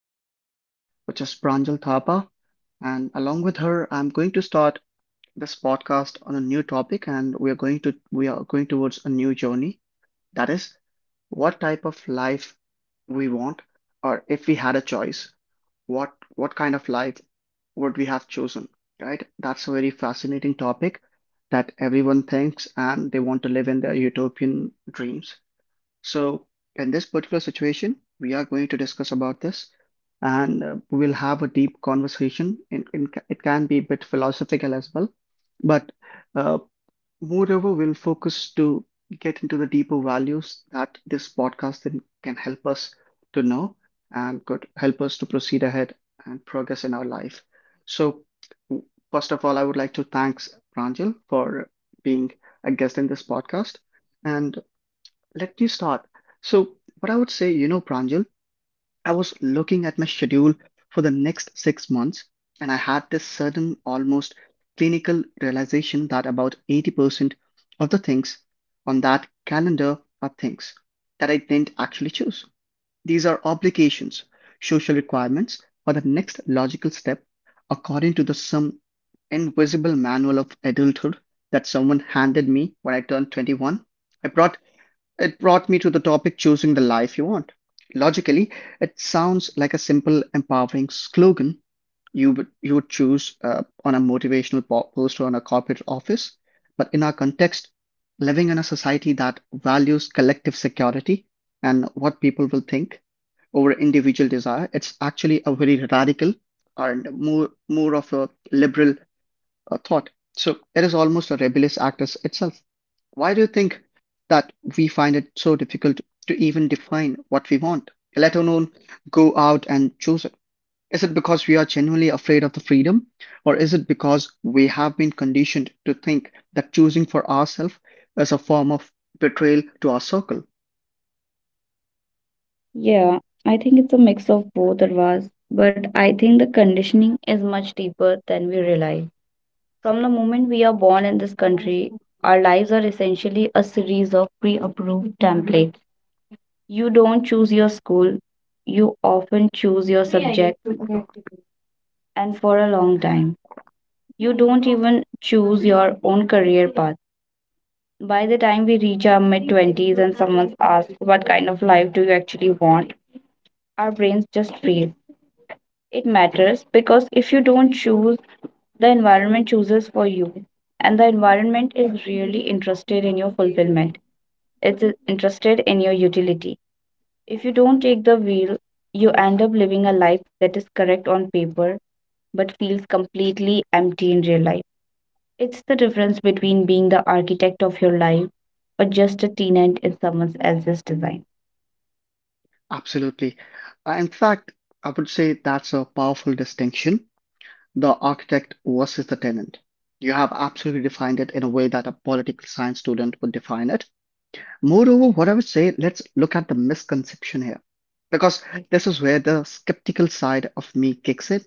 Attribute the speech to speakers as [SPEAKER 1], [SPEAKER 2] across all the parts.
[SPEAKER 1] this guest, which is Pranjal Thapa, and along with her, I'm going to start this podcast on a new topic, and we are going towards a new journey. That is, what type of life we want, or if we had a choice, what kind of life would we have chosen? Right? That's a very fascinating topic that everyone thinks, and they want to live in their utopian dreams. So in this particular situation, we are going to discuss about this and we'll have a deep conversation. It can be a bit philosophical as well, but uh, moreover, we'll focus to get into the deeper values that this podcast then can help us to know and could help us to proceed ahead and progress in our life. So, w- first of all, I would like to thanks Pranjal for being a guest in this podcast. And let me start. So, what I would say, you know, Pranjal, I was looking at my schedule for the next 6 months, and I had this sudden, almost clinical realization that about 80% of the things on that calendar are things that I didn't actually choose. These are obligations, social requirements, or the next logical step according to the some invisible manual of adulthood that someone handed me when I turned 21. I brought It brought me to the topic choosing the life you want. Logically, it sounds like a simple, empowering slogan you would choose on a motivational poster on a corporate office. But in our context, living in a society that values collective security and what people will think over individual desire, it's actually a very radical and more of a liberal thought. So it is almost a rebellious act as itself. Why do you think that we find it so difficult to even define what we want, let alone go out and choose it? Is it because we are genuinely afraid of the freedom, or is it because we have been conditioned to think that choosing for ourselves is a form of betrayal to our circle?
[SPEAKER 2] Yeah, I think it's a mix of both, Arvaz, but I think the conditioning is much deeper than we realize. From the moment we are born in this country, our lives are essentially a series of pre approved templates. You don't choose your school, you often choose your subject, and for a long time. You don't even choose your own career path. By the time we reach our mid 20s and someone asks, what kind of life do you actually want? Our brains just freeze. It matters because if you don't choose, the environment chooses for you. And the environment is really interested in your fulfillment, it's interested in your utility. If you don't take the wheel, you end up living a life that is correct on paper but feels completely empty in real life. It's the difference between being the architect of your life or just a tenant in someone else's design.
[SPEAKER 1] Absolutely. In fact, I would say that's a powerful distinction: the architect versus the tenant. You have absolutely defined it in a way that a political science student would define it. Moreover, what I would say, let's look at the misconception here because this is where the skeptical side of me kicks in.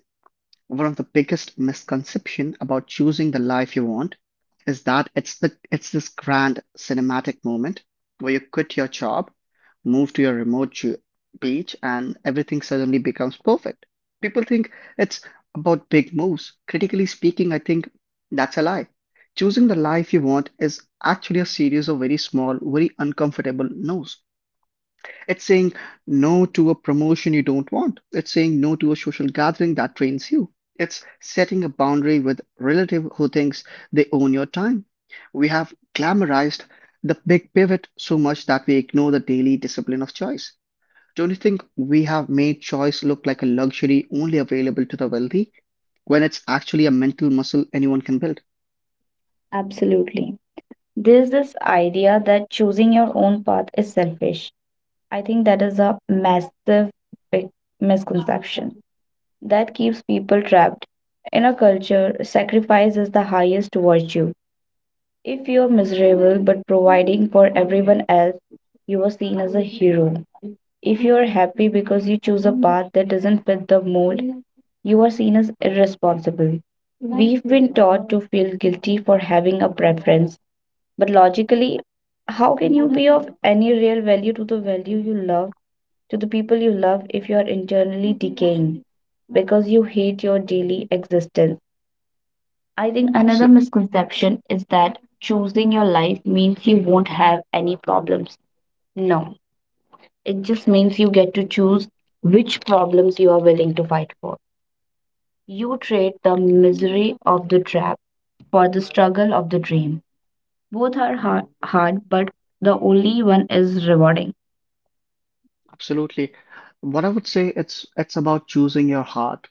[SPEAKER 1] One of the biggest misconceptions about choosing the life you want is that it's this grand cinematic moment where you quit your job, move to your remote beach, and everything suddenly becomes perfect. People think it's about big moves. Critically speaking, I think that's a lie. Choosing the life you want is actually a series of very small, very uncomfortable no's. It's saying no to a promotion you don't want. It's saying no to a social gathering that drains you. It's setting a boundary with relative who thinks they own your time. We have glamorized the big pivot so much that we ignore the daily discipline of choice. Don't you think we have made choice look like a luxury only available to the wealthy when it's actually a mental muscle anyone can build?
[SPEAKER 2] Absolutely. There's this idea that choosing your own path is selfish. I think that is a massive big misconception that keeps people trapped. In our culture, sacrifice is the highest virtue. If you're miserable but providing for everyone else, you are seen as a hero. If you are happy because you choose a path that doesn't fit the mold, you are seen as irresponsible. We've been taught to feel guilty for having a preference. But logically, how can you be of any real value to the value you love, to the people you love, if you are internally decaying because you hate your daily existence? I think another
[SPEAKER 1] Absolutely.
[SPEAKER 2] misconception is that choosing your life means you won't have any problems. No, it just means you get to choose which problems you are willing to fight for. You trade the misery of the trap for the struggle of the dream. Both are hard but the only one is rewarding.
[SPEAKER 1] Absolutely. What I would say, it's about choosing your heart,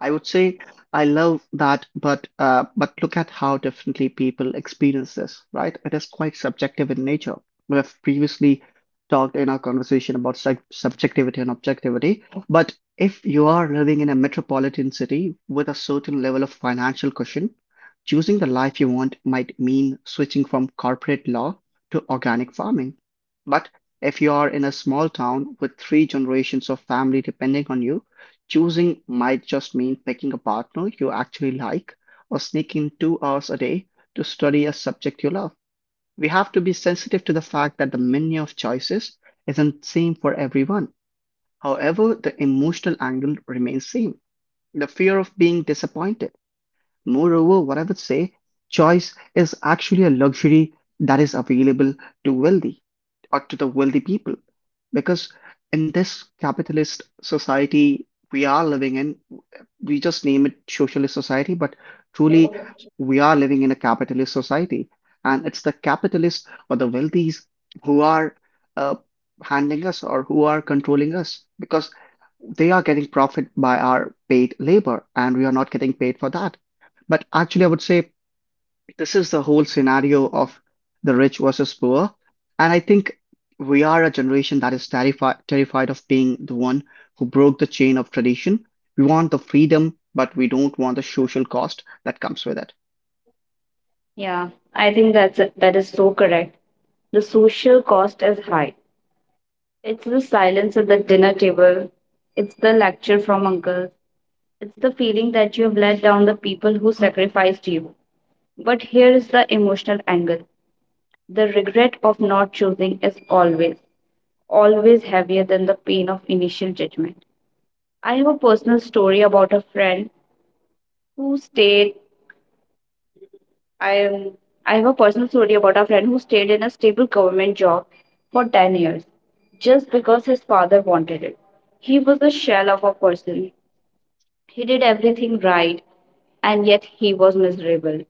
[SPEAKER 1] I would say. I love that, but look at how differently people experience this, right? It is quite subjective in nature. We have previously talked in our conversation about subjectivity and objectivity, but if you are living in a metropolitan city with a certain level of financial cushion, choosing the life you want might mean switching from corporate law to organic farming. But if you are in a small town with three generations of family depending on you, choosing might just mean picking a partner you actually like or sneaking 2 hours a day to study a subject you love. We have to be sensitive to the fact that the menu of choices isn't the same for everyone. However, the emotional angle remains same. The fear of being disappointed. Moreover, what I would say, choice is actually a luxury that is available to wealthy or to the wealthy people. Because in this capitalist society we are living in, we just name it socialist society, but truly we are living in a capitalist society. And it's the capitalists or the wealthies who are uh, handling us or who are controlling us because they are getting profit by our paid labor and we are not getting paid for that. But actually, I would say this is the whole scenario of the rich versus poor. And I think we are a generation that is terrified of being the one who broke the chain of tradition. We want the freedom, but we don't want the social cost that comes with it.
[SPEAKER 2] Yeah, I think that's That is so correct. The social cost is high. It's the silence at the dinner table. It's the lecture from uncle. It's the feeling that you have let down the people who sacrificed you. But here is the emotional angle. The regret of not choosing is always, always heavier than the pain of initial judgment. I have a personal story about a friend who stayed I am I have a personal story about a friend who stayed in a stable government job for 10 years just because his father wanted it. He was a shell of a person. He did everything right and yet he was miserable.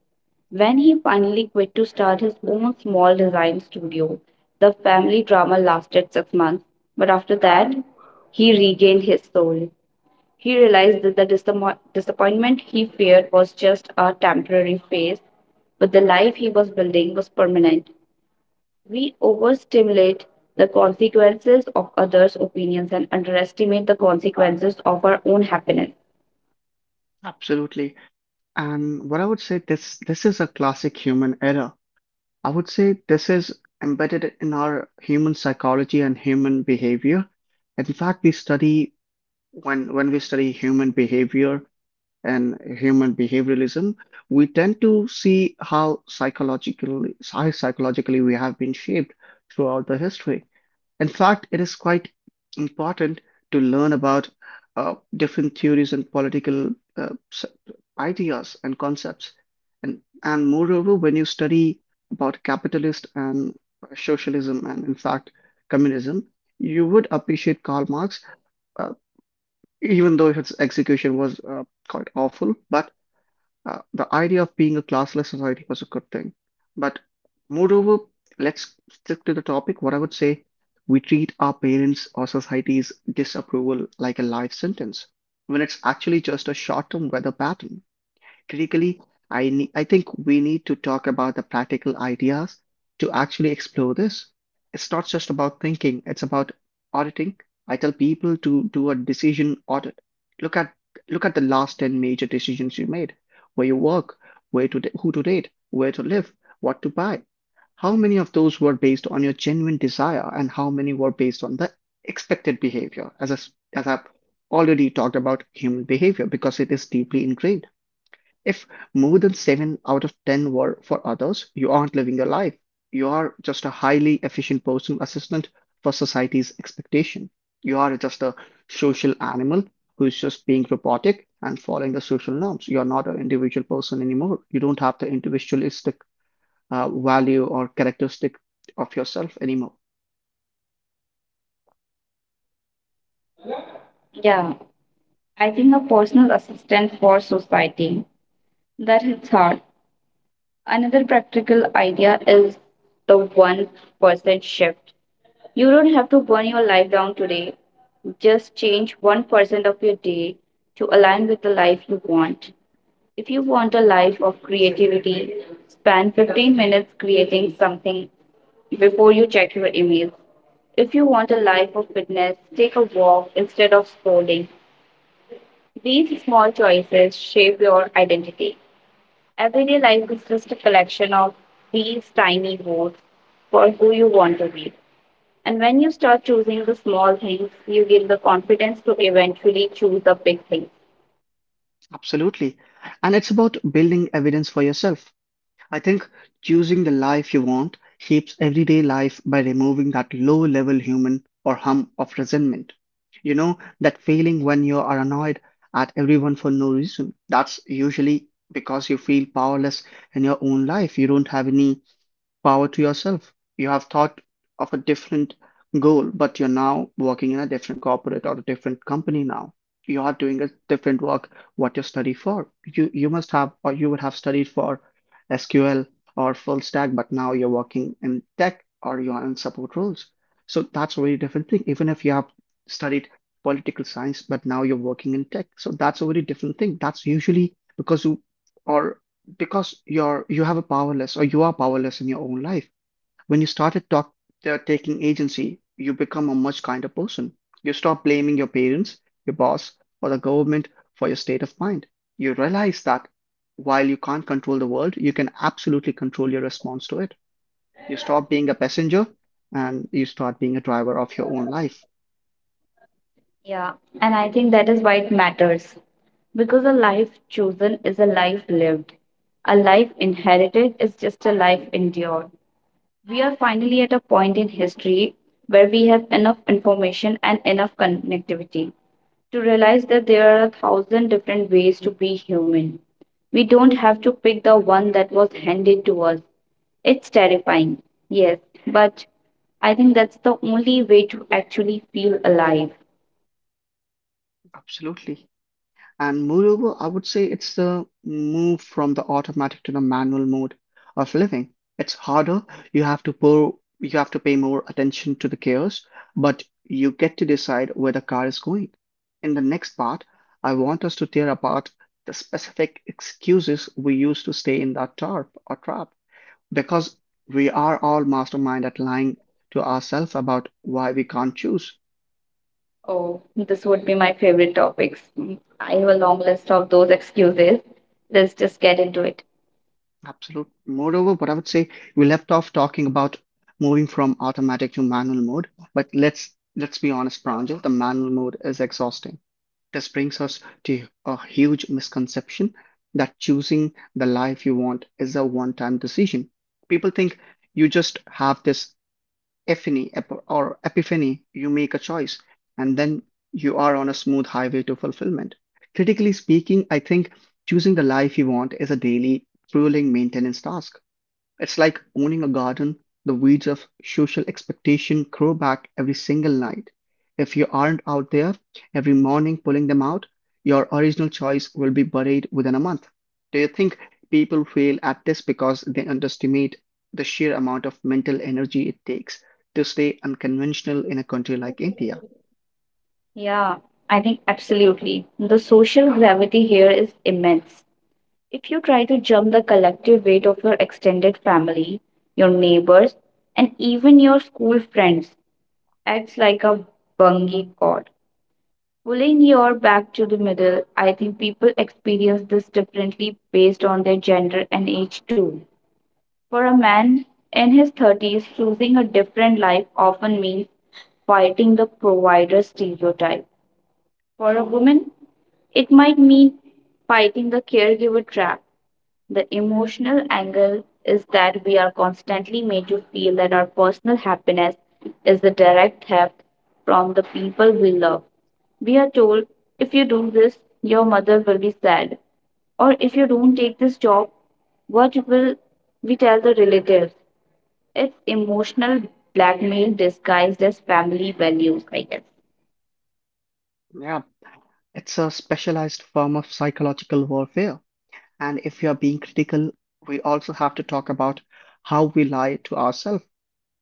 [SPEAKER 2] When he finally quit to start his own small design studio, the family drama lasted 6 months, but after that, he regained his soul. He realized that the disappointment he feared was just a temporary phase, but the life he was building was permanent. We overstimulate the consequences of others' opinions and underestimate the consequences of our own happiness.
[SPEAKER 1] Absolutely. And what I would say, this is a classic human error. I would say this is embedded in our human psychology and human behavior. In fact, we study when we study human behavior, and human behavioralism, we tend to see how psychologically we have been shaped throughout the history. In fact, it is quite important to learn about different theories and political uh, s- ideas and concepts. And moreover, when you study about capitalist and socialism and, in fact, communism, you would appreciate Karl Marx, uh, even though his execution was quite awful. But the idea of being a classless society was a good thing. But moreover, let's stick to the topic. What I would say, we treat our parents or society's disapproval like a life sentence when it's actually just a short term weather pattern. Critically, I think we need to talk about the practical ideas to actually explore this. It's not just about thinking, it's about auditing. I tell people to do a decision audit. Look at Look at the last 10 major decisions you made, where you work, where to who to date, where to live, what to buy. How many of those were based on your genuine desire and how many were based on the expected behavior, as as I've already talked about human behavior, because it is deeply ingrained. If more than 7 out of 10 were for others, you aren't living your life. You are just a highly efficient personal assistant for society's expectation. You are just a social animal who's just being robotic and following the social norms. You're not an individual person anymore. You don't have the individualistic value or characteristic of yourself anymore.
[SPEAKER 2] Yeah, I think a personal assistant for society. That hits hard. Another practical idea is the 1% shift. You don't have to burn your life down today. Just change 1% of your day to align with the life you want. If you want a life of creativity, spend 15 minutes creating something before you check your emails. If you want a life of fitness, take a walk instead of scrolling. These small choices shape your identity. Everyday life is just a collection of these tiny votes for who you want to be. And when you start choosing the small things, you gain the confidence to eventually choose the big things.
[SPEAKER 1] Absolutely. And it's about building evidence for yourself. I think choosing the life you want shapes everyday life by removing that low level hum of resentment. You know, that feeling when you are annoyed at everyone for no reason. That's usually because you feel powerless in your own life. You don't have any power to yourself. You have thought of a different goal, but you're now working in a different corporate or a different company now. You are doing a different work what you study for. You must have or you would have studied for SQL or full stack, but now you're working in tech or you are in support roles. So that's a very different thing. Even if you have studied political science, but now you're working in tech. So that's a very different thing. That's usually because you or because you have a powerless or you are powerless in your own life when you started taking agency. You become a much kinder person. You stop blaming your parents, your boss, or the government for your state of mind. You realize that while you can't control the world, you can absolutely control your response to it. You stop being a passenger and you start being a driver of your own life.
[SPEAKER 2] Yeah, and I think that is why it matters. Because a life chosen is a life lived. A life inherited is just a life endured. We are finally at a point in history where we have enough information and enough connectivity to realize that there are a thousand different ways to be human. We don't have to pick the one that was handed to us. It's terrifying, yes, but I think that's the only way to actually feel alive.
[SPEAKER 1] Absolutely. And moreover, I would say it's the move from the automatic to the manual mode of living. It's harder. You have to pay more attention to the chaos, but you get to decide where the car is going. In the next part, I want us to tear apart the specific excuses we use to stay in that tarp or trap, because we are all mastermind at lying to ourselves about why we can't choose.
[SPEAKER 2] Oh, this would be my favorite topics. I have a long list of those excuses. Let's just get into it.
[SPEAKER 1] Absolute. Moreover, what I would say, we left off talking about moving from automatic to manual mode, but let's be honest, Pranjal, the manual mode is exhausting. This brings us to a huge misconception that choosing the life you want is a one-time decision. People think you just have this Epiphany ep- or epiphany, you make a choice and then you are on a smooth highway to fulfillment. Critically speaking, I think choosing the life you want is a daily, grueling maintenance task. It's like owning a garden. The weeds of social expectation grow back every single night. If you aren't out there every morning pulling them out, your original choice will be buried within a month. Do you think people fail at this because they underestimate the sheer amount of mental energy it takes to stay unconventional in a country like India?
[SPEAKER 2] Yeah, I think absolutely. The social gravity here is immense. If you try to jump the collective weight of your extended family, your neighbors, and even your school friends, acts like a bungee cord. Pulling your back to the middle, I think people experience this differently based on their gender and age too. For a man in his 30s, choosing a different life often means fighting the provider stereotype. For a woman, it might mean fighting the caregiver trap. The emotional angle is that we are constantly made to feel that our personal happiness is a direct theft from the people we love. We are told if you do this, your mother will be sad, or if you don't take this job, what will we tell the relatives? It's emotional blackmail disguised as family values, I guess.
[SPEAKER 1] Yeah, it's a specialized form of psychological warfare. And if we are being critical, we also have to talk about how we lie to ourselves.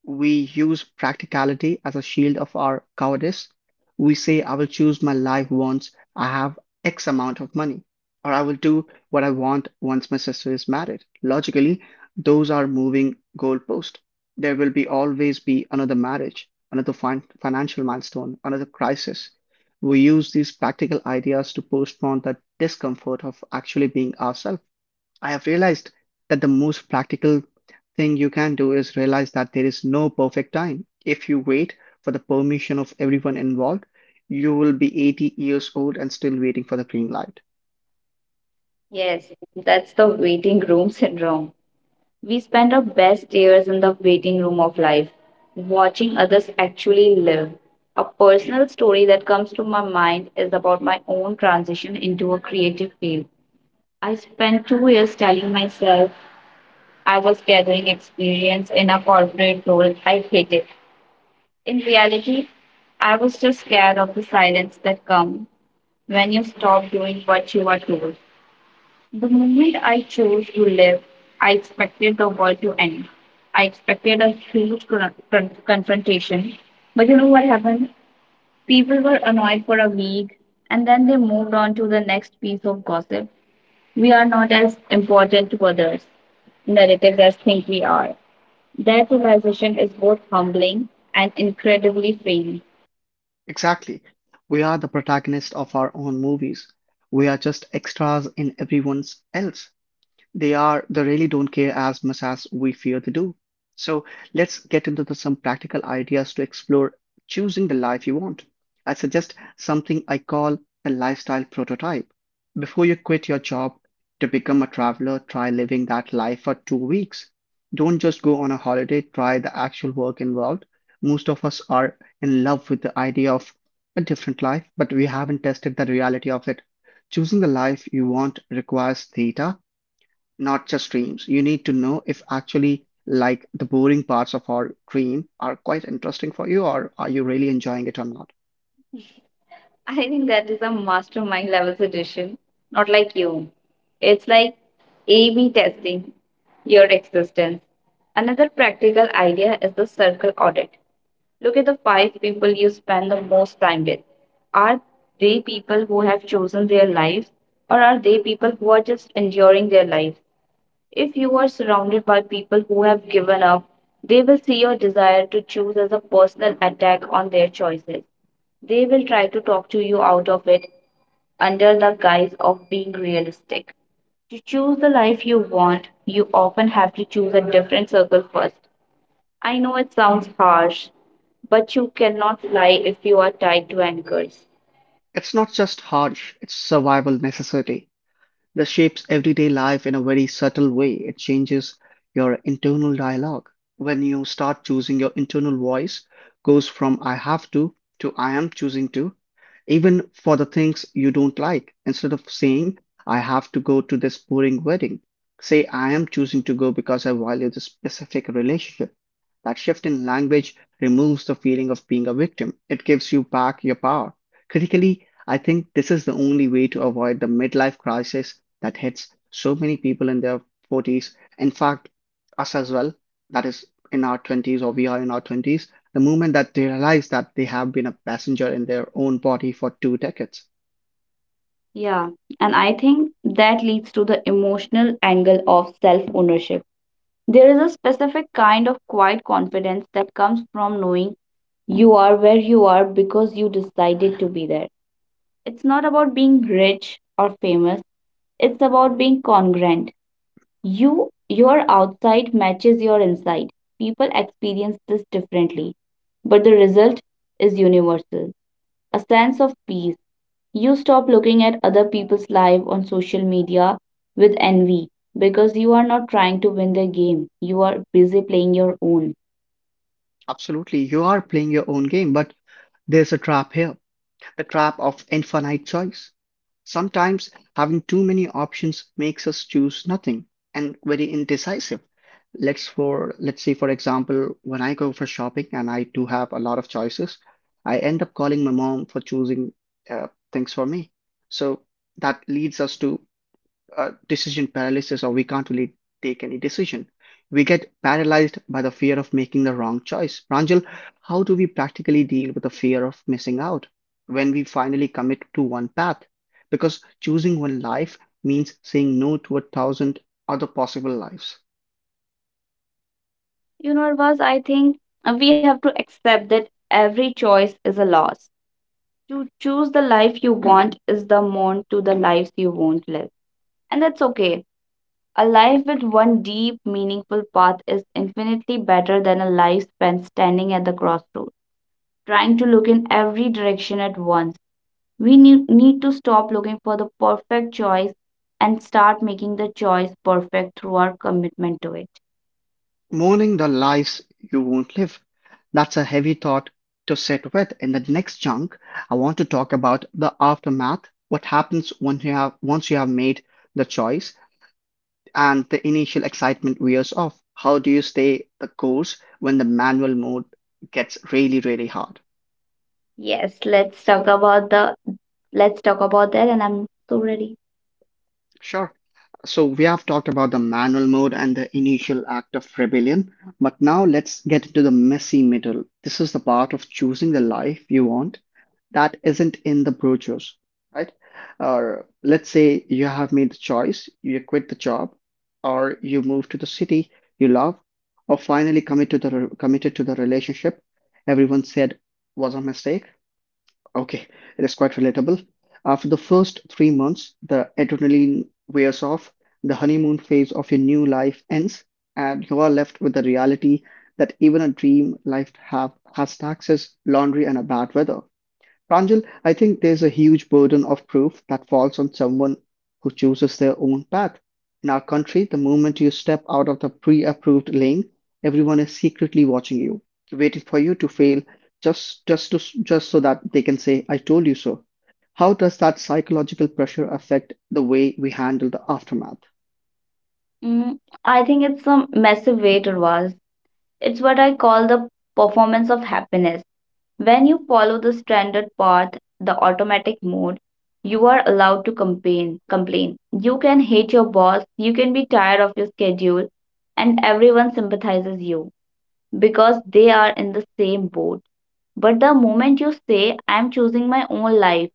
[SPEAKER 1] We use practicality as a shield of our cowardice. We say, I will choose my life once I have X amount of money, or I will do what I want once my sister is married. Logically, those are moving goalposts. There will be always be another marriage, another financial milestone, another crisis. We use these practical ideas to postpone the discomfort of actually being ourselves. I have realized that the most practical thing you can do is realize that there is no perfect time. If you wait for the permission of everyone involved, you will be 80 years old and still waiting for the green light.
[SPEAKER 2] Yes, that's the waiting room syndrome. We spend our best years in the waiting room of life, watching others actually live. A personal story that comes to my mind is about my own transition into a creative field. I spent 2 years telling myself I was gathering experience in a corporate role I hated. In reality, I was just scared of the silence that comes when you stop doing what you are told. The moment I chose to live, I expected the world to end. I expected a huge confrontation. But you know what happened? People were annoyed for a week and then they moved on to the next piece of gossip. We are not as important to others, narratives as think we are. That realization is both humbling and incredibly freeing.
[SPEAKER 1] Exactly. We are the protagonists of our own movies. We are just extras in everyone else's. They really don't care as much as we fear they do. So let's get into some practical ideas to explore choosing the life you want. I suggest something I call the lifestyle prototype. Before you quit your job to become a traveler, try living that life for 2 weeks. Don't just go on a holiday, try the actual work involved. Most of us are in love with the idea of a different life, but we haven't tested the reality of it. Choosing the life you want requires data, not just dreams. You need to know if actually like the boring parts of our dream are quite interesting for you or are you really enjoying it or not.
[SPEAKER 2] I think that is a mastermind level suggestion. Not like you. It's like A B testing your existence. Another practical idea is the circle audit. Look at the five people you spend the most time with. Are they people who have chosen their lives, or are they people who are just enduring their lives? If you are surrounded by people who have given up, they will see your desire to choose as a personal attack on their choices. They will try to talk to you out of it under the guise of being realistic. To choose the life you want, you often have to choose a different circle first. I know it sounds harsh, but you cannot fly if you are tied to anchors.
[SPEAKER 1] It's not just harsh, it's survival necessity. This shapes everyday life in a very subtle way. It changes your internal dialogue. When you start choosing your internal voice, goes from I have to I am choosing to, even for the things you don't like. Instead of saying I have to go to this boring wedding, say I am choosing to go because I value this specific relationship. That shift in language removes the feeling of being a victim. It gives you back your power. Critically, I think this is the only way to avoid the midlife crisis that hits so many people in their 40s. In fact, us as well, that is in our 20s or we are in our 20s, the moment that they realize that they have been a passenger in their own body for two decades.
[SPEAKER 2] Yeah, and I think that leads to the emotional angle of self ownership. There is a specific kind of quiet confidence that comes from knowing you are where you are because you decided to be there. It's not about being rich or famous, it's about being congruent. You your outside matches your inside. People experience this differently, but the result is universal. A sense of peace. You stop looking at other people's life on social media with envy because you are not trying to win their game. You are busy playing your own.
[SPEAKER 1] Absolutely, you are playing your own game, but there's a trap here, the trap of infinite choice. Sometimes having too many options makes us choose nothing and very indecisive. Let's say for example, when I go for shopping and I do have a lot of choices, I end up calling my mom for choosing things for me. So that leads us to decision paralysis or we can't really take any decision. We get paralyzed by the fear of making the wrong choice. Pranjal, how do we practically deal with the fear of missing out when we finally commit to one path? Because choosing one life means saying no to a thousand other possible lives.
[SPEAKER 2] You know, Arvaz, I think we have to accept that every choice is a loss. To choose the life you want is the mourn to the lives you won't live. And that's okay. A life with one deep, meaningful path is infinitely better than a life spent standing at the crossroads, trying to look in every direction at once. We need to stop looking for the perfect choice and start making the choice perfect through our commitment to it.
[SPEAKER 1] Mourning the lives you won't live. That's a heavy thought to sit with. In the next chunk, I want to talk about the aftermath, what happens once you have made the choice and the initial excitement wears off. How do you stay the course when the manual mode gets really, really hard?
[SPEAKER 2] Yes, let's talk about that and I'm so ready.
[SPEAKER 1] Sure. So we have talked about the manual mode and the initial act of rebellion, but now let's get into the messy middle. This is the part of choosing the life you want that isn't in the brochures, right? Or let's say you have made the choice, you quit the job, or you move to the city you love, or finally commit to the relationship everyone said was a mistake. Okay, it is quite relatable. After the first 3 months, the adrenaline wears off, the honeymoon phase of your new life ends, and you are left with the reality that even a dream life has taxes, laundry, and a bad weather. Pranjal, I think there's a huge burden of proof that falls on someone who chooses their own path. In our country, the moment you step out of the pre approved lane, everyone is secretly watching you, waiting for you to fail just so that they can say, I told you so. How does that psychological pressure affect the way we handle the aftermath?
[SPEAKER 2] Mm, I think it's a massive weight, Urvas. It's what I call the performance of happiness. When you follow the standard path, the automatic mode, you are allowed to complain. You can hate your boss, you can be tired of your schedule, and everyone sympathizes you because they are in the same boat. But the moment you say, I am choosing my own life,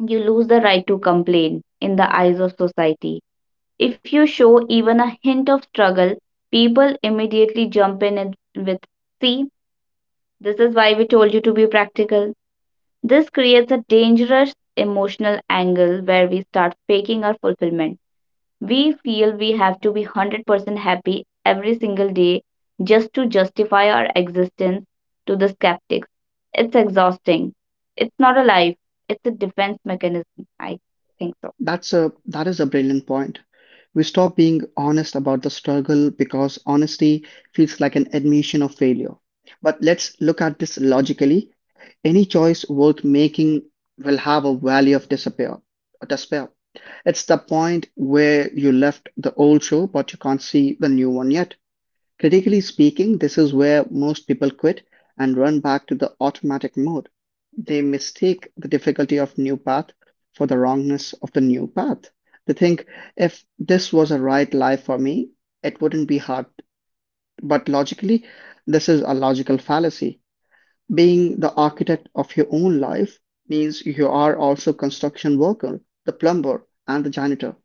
[SPEAKER 2] you lose the right to complain in the eyes of society. If you show even a hint of struggle, people immediately jump in and with, see, this is why we told you to be practical. This creates a dangerous emotional angle where we start faking our fulfillment. We feel we have to be 100% happy every single day just to justify our existence to the skeptics. It's exhausting. It's not a life, it's a defense mechanism, I think so.
[SPEAKER 1] That is a brilliant point. We stop being honest about the struggle because honesty feels like an admission of failure. But let's look at this logically. Any choice worth making will have a valley of despair. It's the point where you left the old show, but you can't see the new one yet. Critically speaking, this is where most people quit and run back to the automatic mode. They mistake the difficulty of new path for the wrongness of the new path. They think if this was a right life for me, it wouldn't be hard. But logically, this is a logical fallacy. Being the architect of your own life means you are also construction worker, the plumber, and the janitor.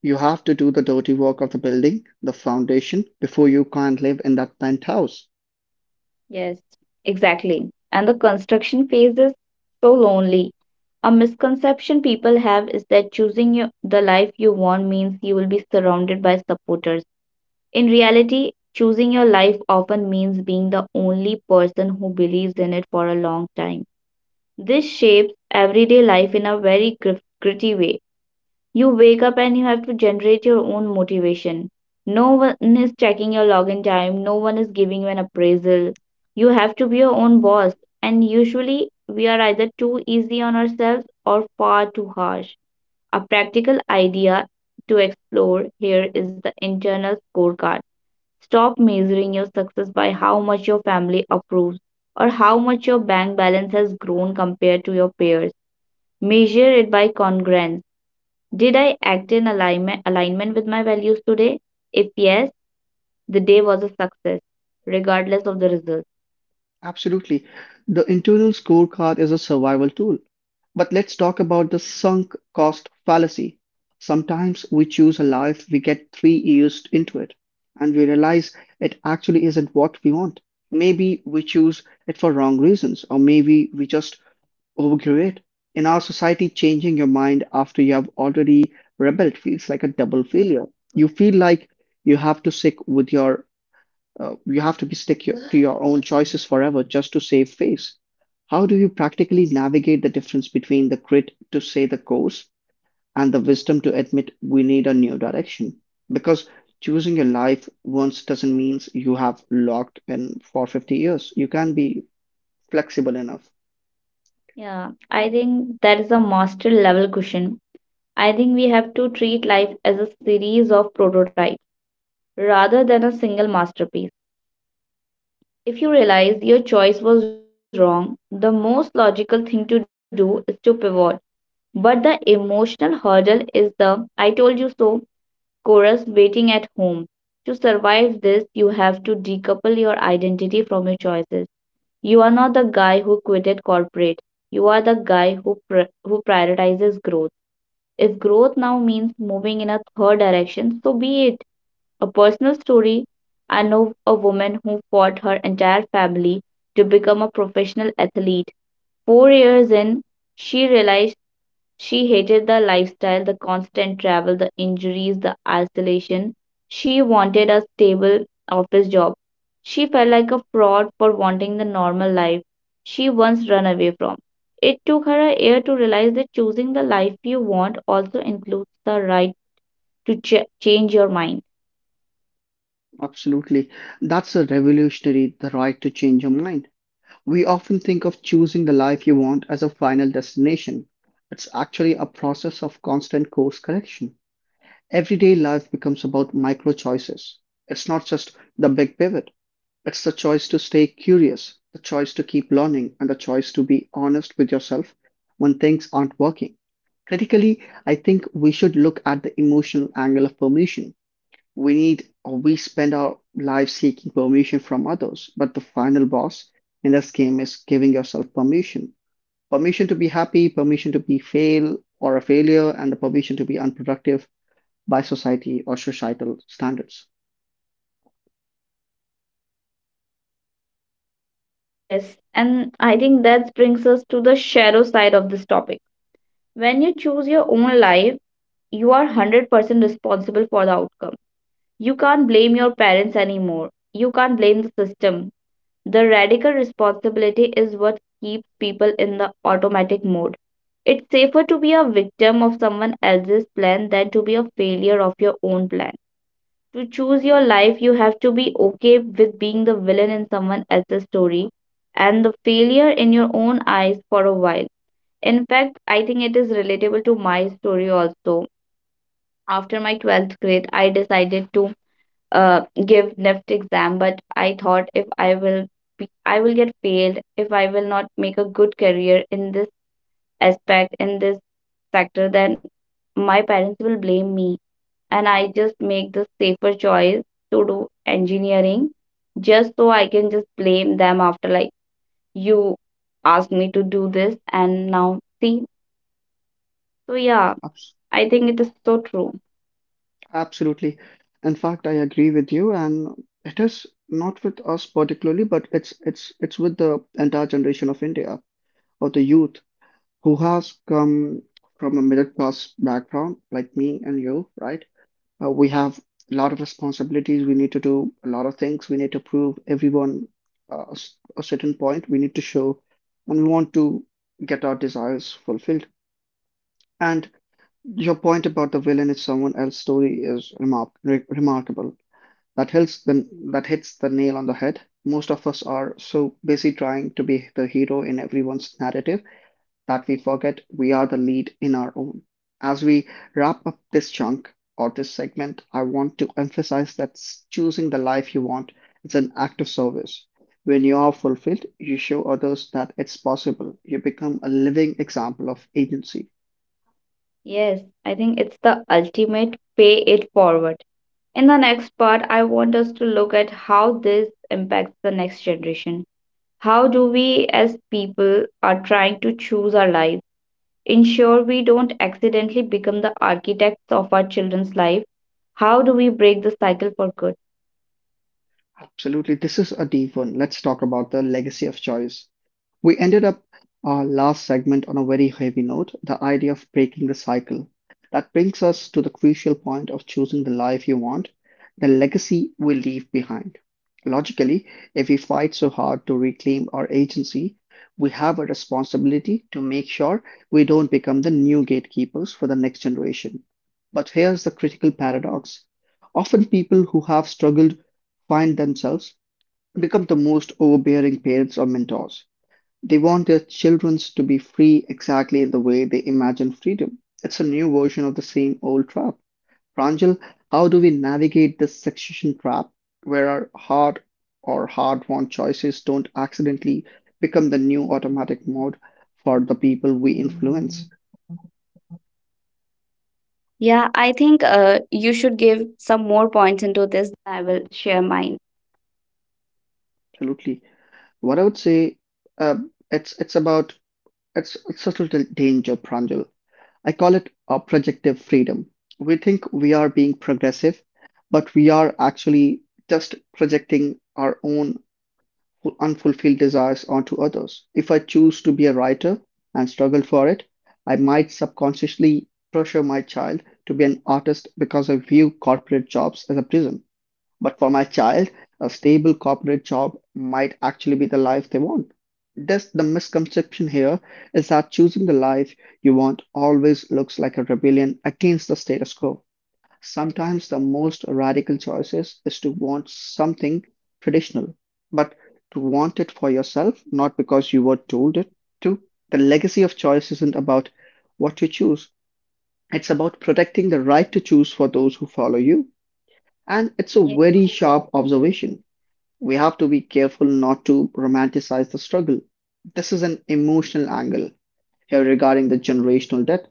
[SPEAKER 1] You have to do the dirty work of the building, the foundation, before you can live in that penthouse.
[SPEAKER 2] Yes, exactly. And the construction phase is so lonely. A misconception people have is that choosing your, the life you want means you will be surrounded by supporters. In reality, choosing your life often means being the only person who believes in it for a long time. This shapes everyday life in a very gritty way. You wake up and you have to generate your own motivation. No one is checking your login time, no one is giving you an appraisal. You have to be your own boss, and usually we are either too easy on ourselves or far too harsh. A practical idea to explore here is the internal scorecard. Stop measuring your success by how much your family approves or how much your bank balance has grown compared to your peers. Measure it by congruence. Did I act in alignment with my values today? If yes, the day was a success, regardless of the result.
[SPEAKER 1] Absolutely. The internal scorecard is a survival tool. But let's talk about the sunk cost fallacy. Sometimes we choose a life, we get 3 years into it, and we realize it actually isn't what we want. Maybe we choose it for wrong reasons, or maybe we just overgrow it. In our society, changing your mind after you have already rebelled feels like a double failure. You feel like you have to stick with you have to be stick to your own choices forever just to save face. How do you practically navigate the difference between the grit to say the course and the wisdom to admit we need a new direction? Because choosing your life once doesn't mean you have locked in for 50 years. You can be flexible enough.
[SPEAKER 2] Yeah, I think that is a master level question. I think we have to treat life as a series of prototypes rather than a single masterpiece. If you realize your choice was wrong, the most logical thing to do is to pivot. But the emotional hurdle is the I told you so chorus waiting at home. To survive this, you have to decouple your identity from your choices. Not the guy who quitted corporate. You are the guy who who prioritizes growth. If growth now means moving in a third direction, so be it. A personal story. I know a woman who fought her entire family to become a professional athlete. 4 years in, she realized she hated the lifestyle, the constant travel, the injuries, the isolation. She wanted a stable office job. She felt like a fraud for wanting the normal life she once ran away from. It took her a year to realize that choosing the life you want also includes the right to change your mind.
[SPEAKER 1] Absolutely. That's a revolutionary, the right to change your mind. We often think of choosing the life you want as a final destination. It's actually a process of constant course correction. Everyday life becomes about micro choices. It's not just the big pivot, it's the choice to stay curious, the choice to keep learning, and the choice to be honest with yourself when things aren't working. Critically, I think we should look at the emotional angle of permission we need, or we spend our lives seeking permission from others, but the final boss in this game is giving yourself permission, permission to be happy, permission to be fail or a failure, and the permission to be unproductive by society or societal standards.
[SPEAKER 2] Yes, and I think that brings us to the shadow side of this topic. When you choose your own life, you are 100% responsible for the outcome. You can't blame your parents anymore. You can't blame the system. The radical responsibility is what keeps people in the automatic mode. It's safer to be a victim of someone else's plan than to be a failure of your own plan. To choose your life, you have to be okay with being the villain in someone else's story and the failure in your own eyes for a while. In fact, I think it is relatable to my story also. After my 12th grade, I decided to give NIFT exam, but I thought if I will be, I will get failed if I will not make a good career in this aspect in this sector, then my parents will blame me, and I just make the safer choice to do engineering, just so I can just blame them after like, you asked me to do this and now see. So yeah,
[SPEAKER 1] Abs-
[SPEAKER 2] I think it is so true.
[SPEAKER 1] Absolutely, in fact I agree with you, and it is not with us particularly, but it's with the entire generation of india, of the youth who has come from a middle class background like me and you, right? We have a lot of responsibilities. We need to do a lot of things. We need to prove everyone a certain point. We need to show, and we want to get our desires fulfilled. And your point about the villain is someone else's story is remarkable. That hits the that hits the nail on the head. Most of us are so busy trying to be the hero in everyone's narrative that we forget we are the lead in our own. As we wrap up this chunk or this segment, I want to emphasize that choosing the life you want is an act of service. When you are fulfilled, you show others that it's possible. You become a living example of agency.
[SPEAKER 2] Yes, I think it's the ultimate pay it forward. In the next part, I want us to look at how this impacts the next generation. How do we, as people, are trying to choose our lives, ensure we don't accidentally become the architects of our children's life? How do we break the cycle for good?
[SPEAKER 1] Absolutely. This is a deep one. Let's talk about the legacy of choice. We ended up our last segment on a very heavy note, the idea of breaking the cycle. That brings us to the crucial point of choosing the life you want, the legacy we leave behind. Logically, if we fight so hard to reclaim our agency, we have a responsibility to make sure we don't become the new gatekeepers for the next generation. But here's the critical paradox. Often people who have struggled find themselves become the most overbearing parents or mentors. They want their children to be free exactly the way they imagine freedom. It's a new version of the same old trap. Pranjal, how do we navigate this succession trap where our hard or hard won choices don't accidentally become the new automatic mode for the people we influence? Absolutely. What I would say, uh, it's it's about it's a total danger, Pranjal. I call it projective freedom. We think we are being progressive, but we are actually just projecting our own unfulfilled desires onto others. If I choose to be a writer and struggle for it, I might subconsciously pressure my child to be an artist because I view corporate jobs as a prison. But for my child, a stable corporate job might actually be the life they want. Thus, the misconception here is that choosing the life you want always looks like a rebellion against the status quo. Sometimes the most radical choices is to want something traditional, but to want it for yourself, not because you were told it to. The legacy of choice isn't about what you choose, it's about protecting the right to choose for those who follow you. And it's a
[SPEAKER 2] Ye-
[SPEAKER 1] very sharp observation. We have to be careful not to romanticize the struggle. This is an emotional angle here regarding the generational debt.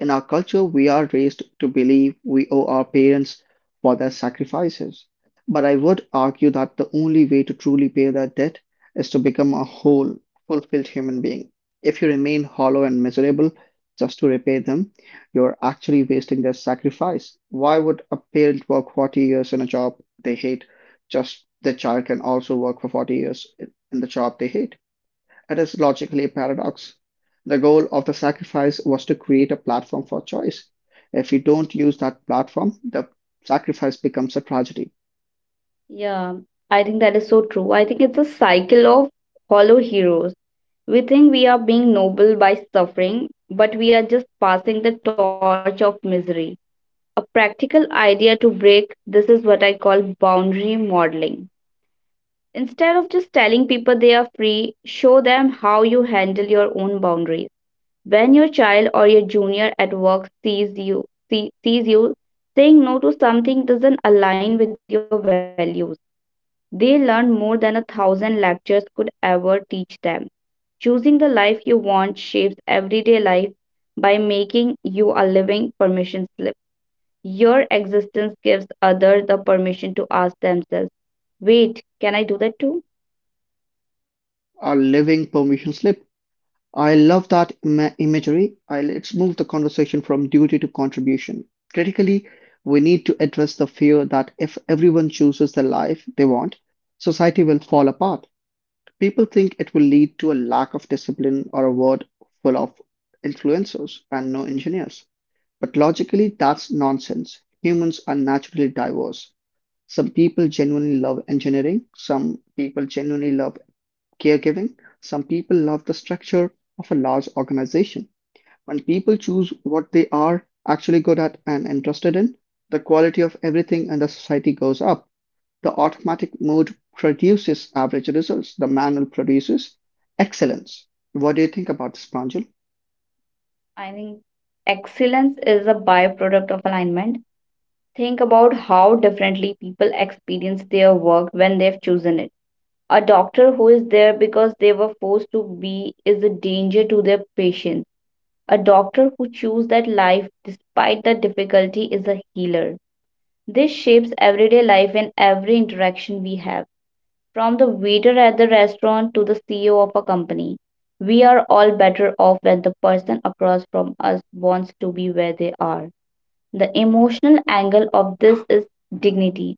[SPEAKER 1] In our culture, we are raised to believe we owe our parents for their sacrifices. But I would argue that the only way to truly pay that debt is to become a whole, fulfilled human being. If you remain hollow and miserable just to repay them, you're actually wasting their sacrifice. Why would a parent work 40 years in a job they hate just their child can also work for 40 years in the job they hate? It is logically a paradox. The goal of the sacrifice was to create a platform for choice. If we don't use that platform, the sacrifice becomes a tragedy,
[SPEAKER 2] Yeah, I think that is so true. I think it's a cycle of hollow heroes. We think we are being noble by suffering, but we are just passing the torch of misery. A practical idea to break this is what I call boundary modeling. Instead of just telling people they are free, show them how you handle your own boundaries. When your child or your junior at work sees you, sees you saying no to something doesn't align with your values. They learn more than a thousand lectures could ever teach them. Choosing the life you want shapes everyday life by making you a living permission slip. Your existence gives others the permission to ask themselves, wait, can I do that too?
[SPEAKER 1] a living permission slip. I love that imagery. I, let's move the conversation from duty to contribution. Critically, we need to address the fear that if everyone chooses the life they want, society will fall apart. People think it will lead to a lack of discipline or a world full of influencers and no engineers. But logically, that's nonsense. Humans are naturally diverse. Some people genuinely love engineering, some people genuinely love caregiving, some people love the structure of a large organization. When people choose what they are actually good at and interested in, the quality of everything in the society goes up. The automatic mode produces average results, the manual produces excellence. What do you think about this, Pranjal?
[SPEAKER 2] I think excellence is a byproduct of alignment. Think about how differently people experience their work when they've chosen it. A doctor who is there because they were forced to be is a danger to their patients. A doctor who chooses that life despite the difficulty is a healer. This shapes everyday life and every interaction we have. From the waiter at the restaurant to the CEO of a company, we are all better off when the person across from us wants to be where they are. The emotional angle of this is dignity.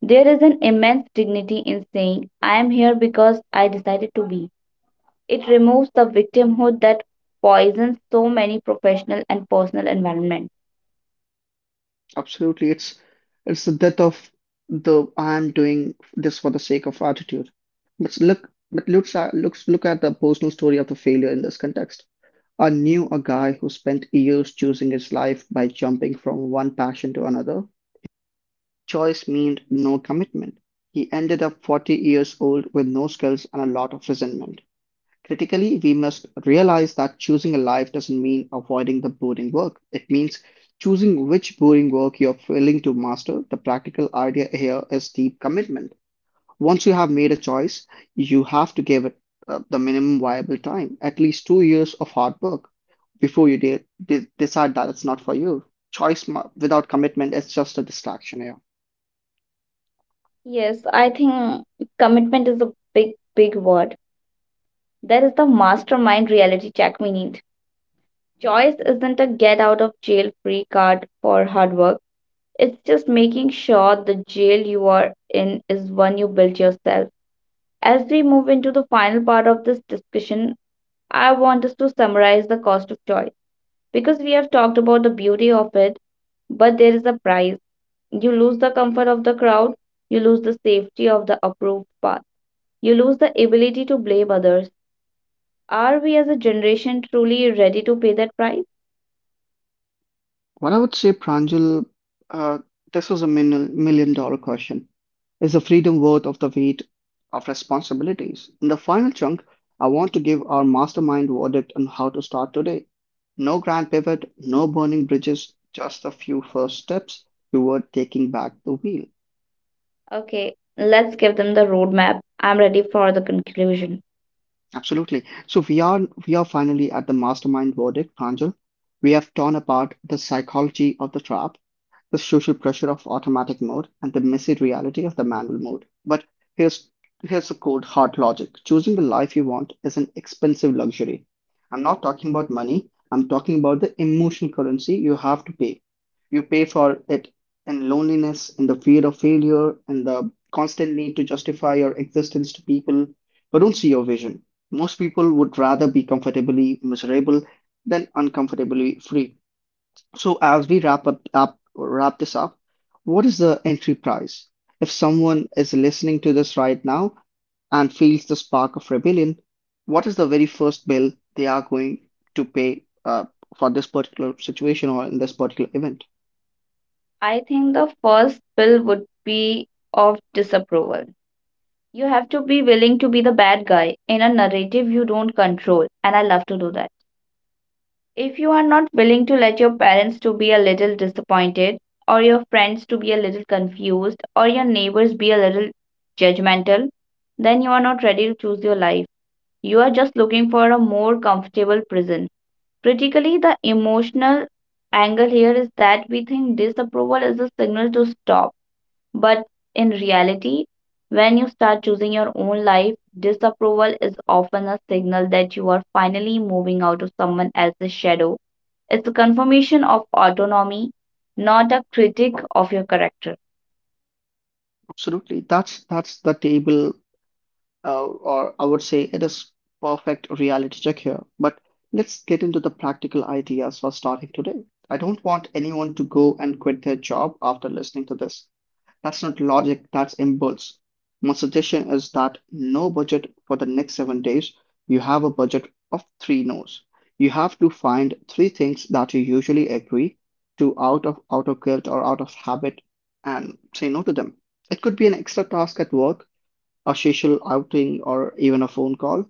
[SPEAKER 2] There is an immense dignity in saying, I am here because I decided to be. It removes the victimhood that poisons so many professional and personal environments.
[SPEAKER 1] Absolutely. It's the death of the I'm doing this for the sake of attitude. But look, but looks at, looks Look at the personal story of the failure in this context. I knew a guy who spent years choosing his life by jumping from one passion to another. Choice meant no commitment. He ended up 40 years old with no skills and a lot of resentment. Critically, we must realize that choosing a life doesn't mean avoiding the boring work. It means choosing which boring work you're willing to master. The practical idea here is deep commitment. Once you have made a choice, you have to give it the minimum viable time, at least 2 years of hard work before you decide that it's not for you. Choice without commitment is just a distraction here.
[SPEAKER 2] Yes, I think commitment is a big word. That is the mastermind reality check we need. Choice isn't a get out of jail free card for hard work. It's just making sure the jail you are in is one you built yourself. As we move into the final part of this discussion, I want us to summarize the cost of choice because we have talked about the beauty of it, but there is a price. You lose the comfort of the crowd, you lose the safety of the approved path, you lose the ability to blame others. Are we as a generation truly ready to pay that price?
[SPEAKER 1] What I would say, Pranjal, uh, this was a million dollar question. Is the freedom worth of the weight of responsibilities? In the final chunk, I want to give our mastermind verdict on how to start today. No grand pivot, no burning bridges, just a few first steps toward taking back the wheel.
[SPEAKER 2] Okay, let's give them the roadmap. I'm ready for the conclusion.
[SPEAKER 1] Absolutely. So we are finally at the mastermind verdict, Pranjal. We have torn apart the psychology of the trap, the social pressure of automatic mode and the messy reality of the manual mode. But here's here's the cold hard logic. Choosing the life you want is an expensive luxury. I'm not talking about money. I'm talking about the emotional currency you have to pay. You pay for it in loneliness, in the fear of failure, in the constant need to justify your existence to people who don't see your vision. Most people would rather be comfortably miserable than uncomfortably free. So as we wrap this up, what is the entry price? If someone is listening to this right now and feels the spark of rebellion, what is the very first bill they are going to pay for this particular situation or in this particular event?
[SPEAKER 2] I think the first bill would be of disapproval. You have to be willing to be the bad guy in a narrative you don't control, and I love to do that. If you are not willing to let your parents to be a little disappointed or your friends to be a little confused or your neighbors be a little judgmental, then you are not ready to choose your life. You are just looking for a more comfortable prison. Critically, the emotional angle here is that we think disapproval is a signal to stop, but in reality, when you start choosing your own life, disapproval is often a signal that you are finally moving out of someone else's shadow. It's a confirmation of autonomy, not a critic of your character.
[SPEAKER 1] Absolutely, that's the table, or I would say it is perfect reality check here. But let's get into the practical ideas for starting today. I don't want anyone to go and quit their job after listening to this. That's not logic, that's impulse. My suggestion is that no budget for the next 7 days. You have a budget of three no's. You have to find three things that you usually agree to out of guilt or out of habit and say no to them. It could be an extra task at work, a social outing, or even a phone call.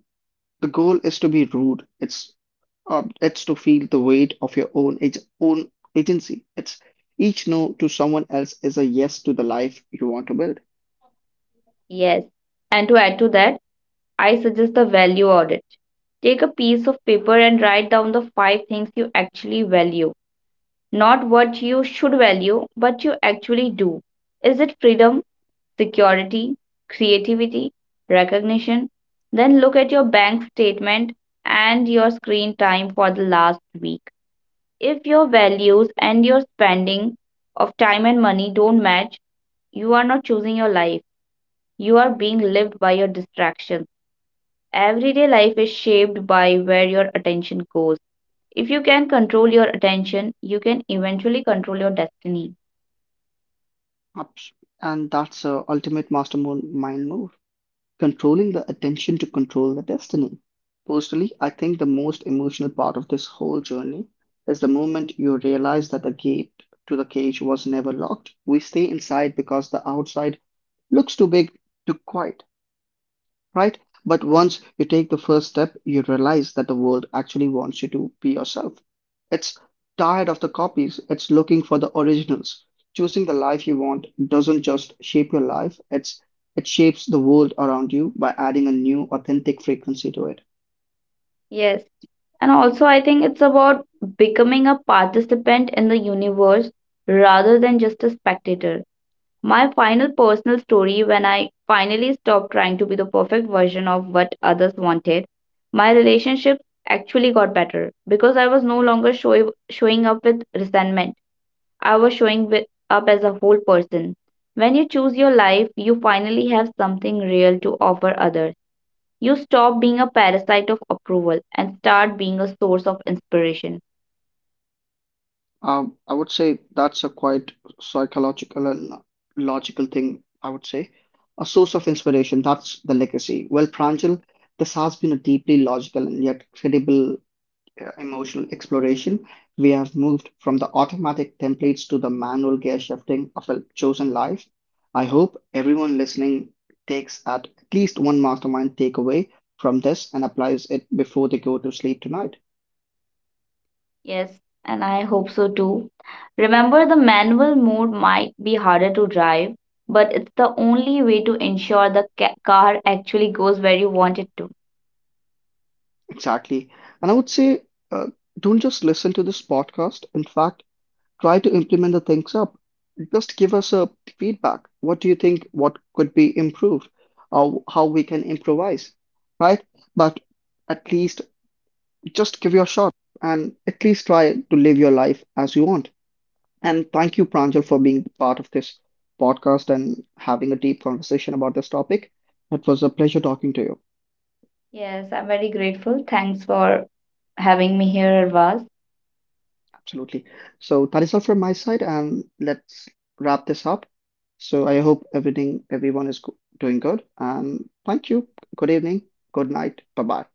[SPEAKER 1] The goal is to be rude. It's to feel the weight of your own agency. It's each no to someone else is a yes to the life you want to build.
[SPEAKER 2] Yes. And to add to that, I suggest the value audit. Take a piece of paper and write down the five things you actually value. Not what you should value, but you actually do. Is it freedom? Security, creativity, recognition. Then look at your bank statement and your screen time for the last week. If your values and your spending of time and money don't match, you are not choosing your life. You are being lived by your distractions. Everyday life is shaped by where your attention goes. If you can control your attention, you can eventually control your destiny.
[SPEAKER 1] Abs- And that's a ultimate mastermind move, controlling the attention to control the destiny. Personally, I think the most emotional part of this whole journey is the moment you realize that the gate to the cage was never locked. We stay inside because the outside looks too big, too quiet, right? But once you take the first step, you realize that the world actually wants you to be yourself. It's tired of the copies, it's looking for the originals. Choosing the life you want doesn't just shape your life, it shapes the world around you by adding a new authentic frequency to it.
[SPEAKER 2] Yes. And also, I think it's about becoming a participant in the universe rather than just a spectator. My final personal story, when I finally stopped trying to be the perfect version of what others wanted, my relationship actually got better because I was no longer showing up with resentment. I was showing up as a whole person. When you choose your life, you finally have something real to offer others. You stop being a parasite of approval and start being a source of inspiration.
[SPEAKER 1] I would say that's a quite psychological and logical thing, I would say. A source of inspiration, that's the legacy. Well, Pranjal, this has been a deeply logical and yet credible emotional exploration. We have moved from the automatic templates to the manual gear shifting of a chosen life. I hope everyone listening takes at least one mastermind takeaway from this and applies it before they go to sleep tonight.
[SPEAKER 2] Yes, and I hope so too. Remember, the manual mode might be harder to drive, but it's the only way to ensure the car actually goes where you want it to.
[SPEAKER 1] Exactly. And I would say uh, don't just listen to this podcast. In fact, try to implement the things up. Just give us a feedback. What do you think? What could be improved? Or how we can improvise, right? But at least just give your shot and at least try to live your life as you want. And thank you, Pranjal, for being part of this podcast and having a deep conversation about this topic. It was a pleasure talking to you.
[SPEAKER 2] Yes, I'm very grateful. Thanks for having me here, Arvaz.
[SPEAKER 1] Absolutely. So that is all from my side, and let's wrap this up. So I hope everyone is doing good. And thank you. Good evening. Good night. Bye bye.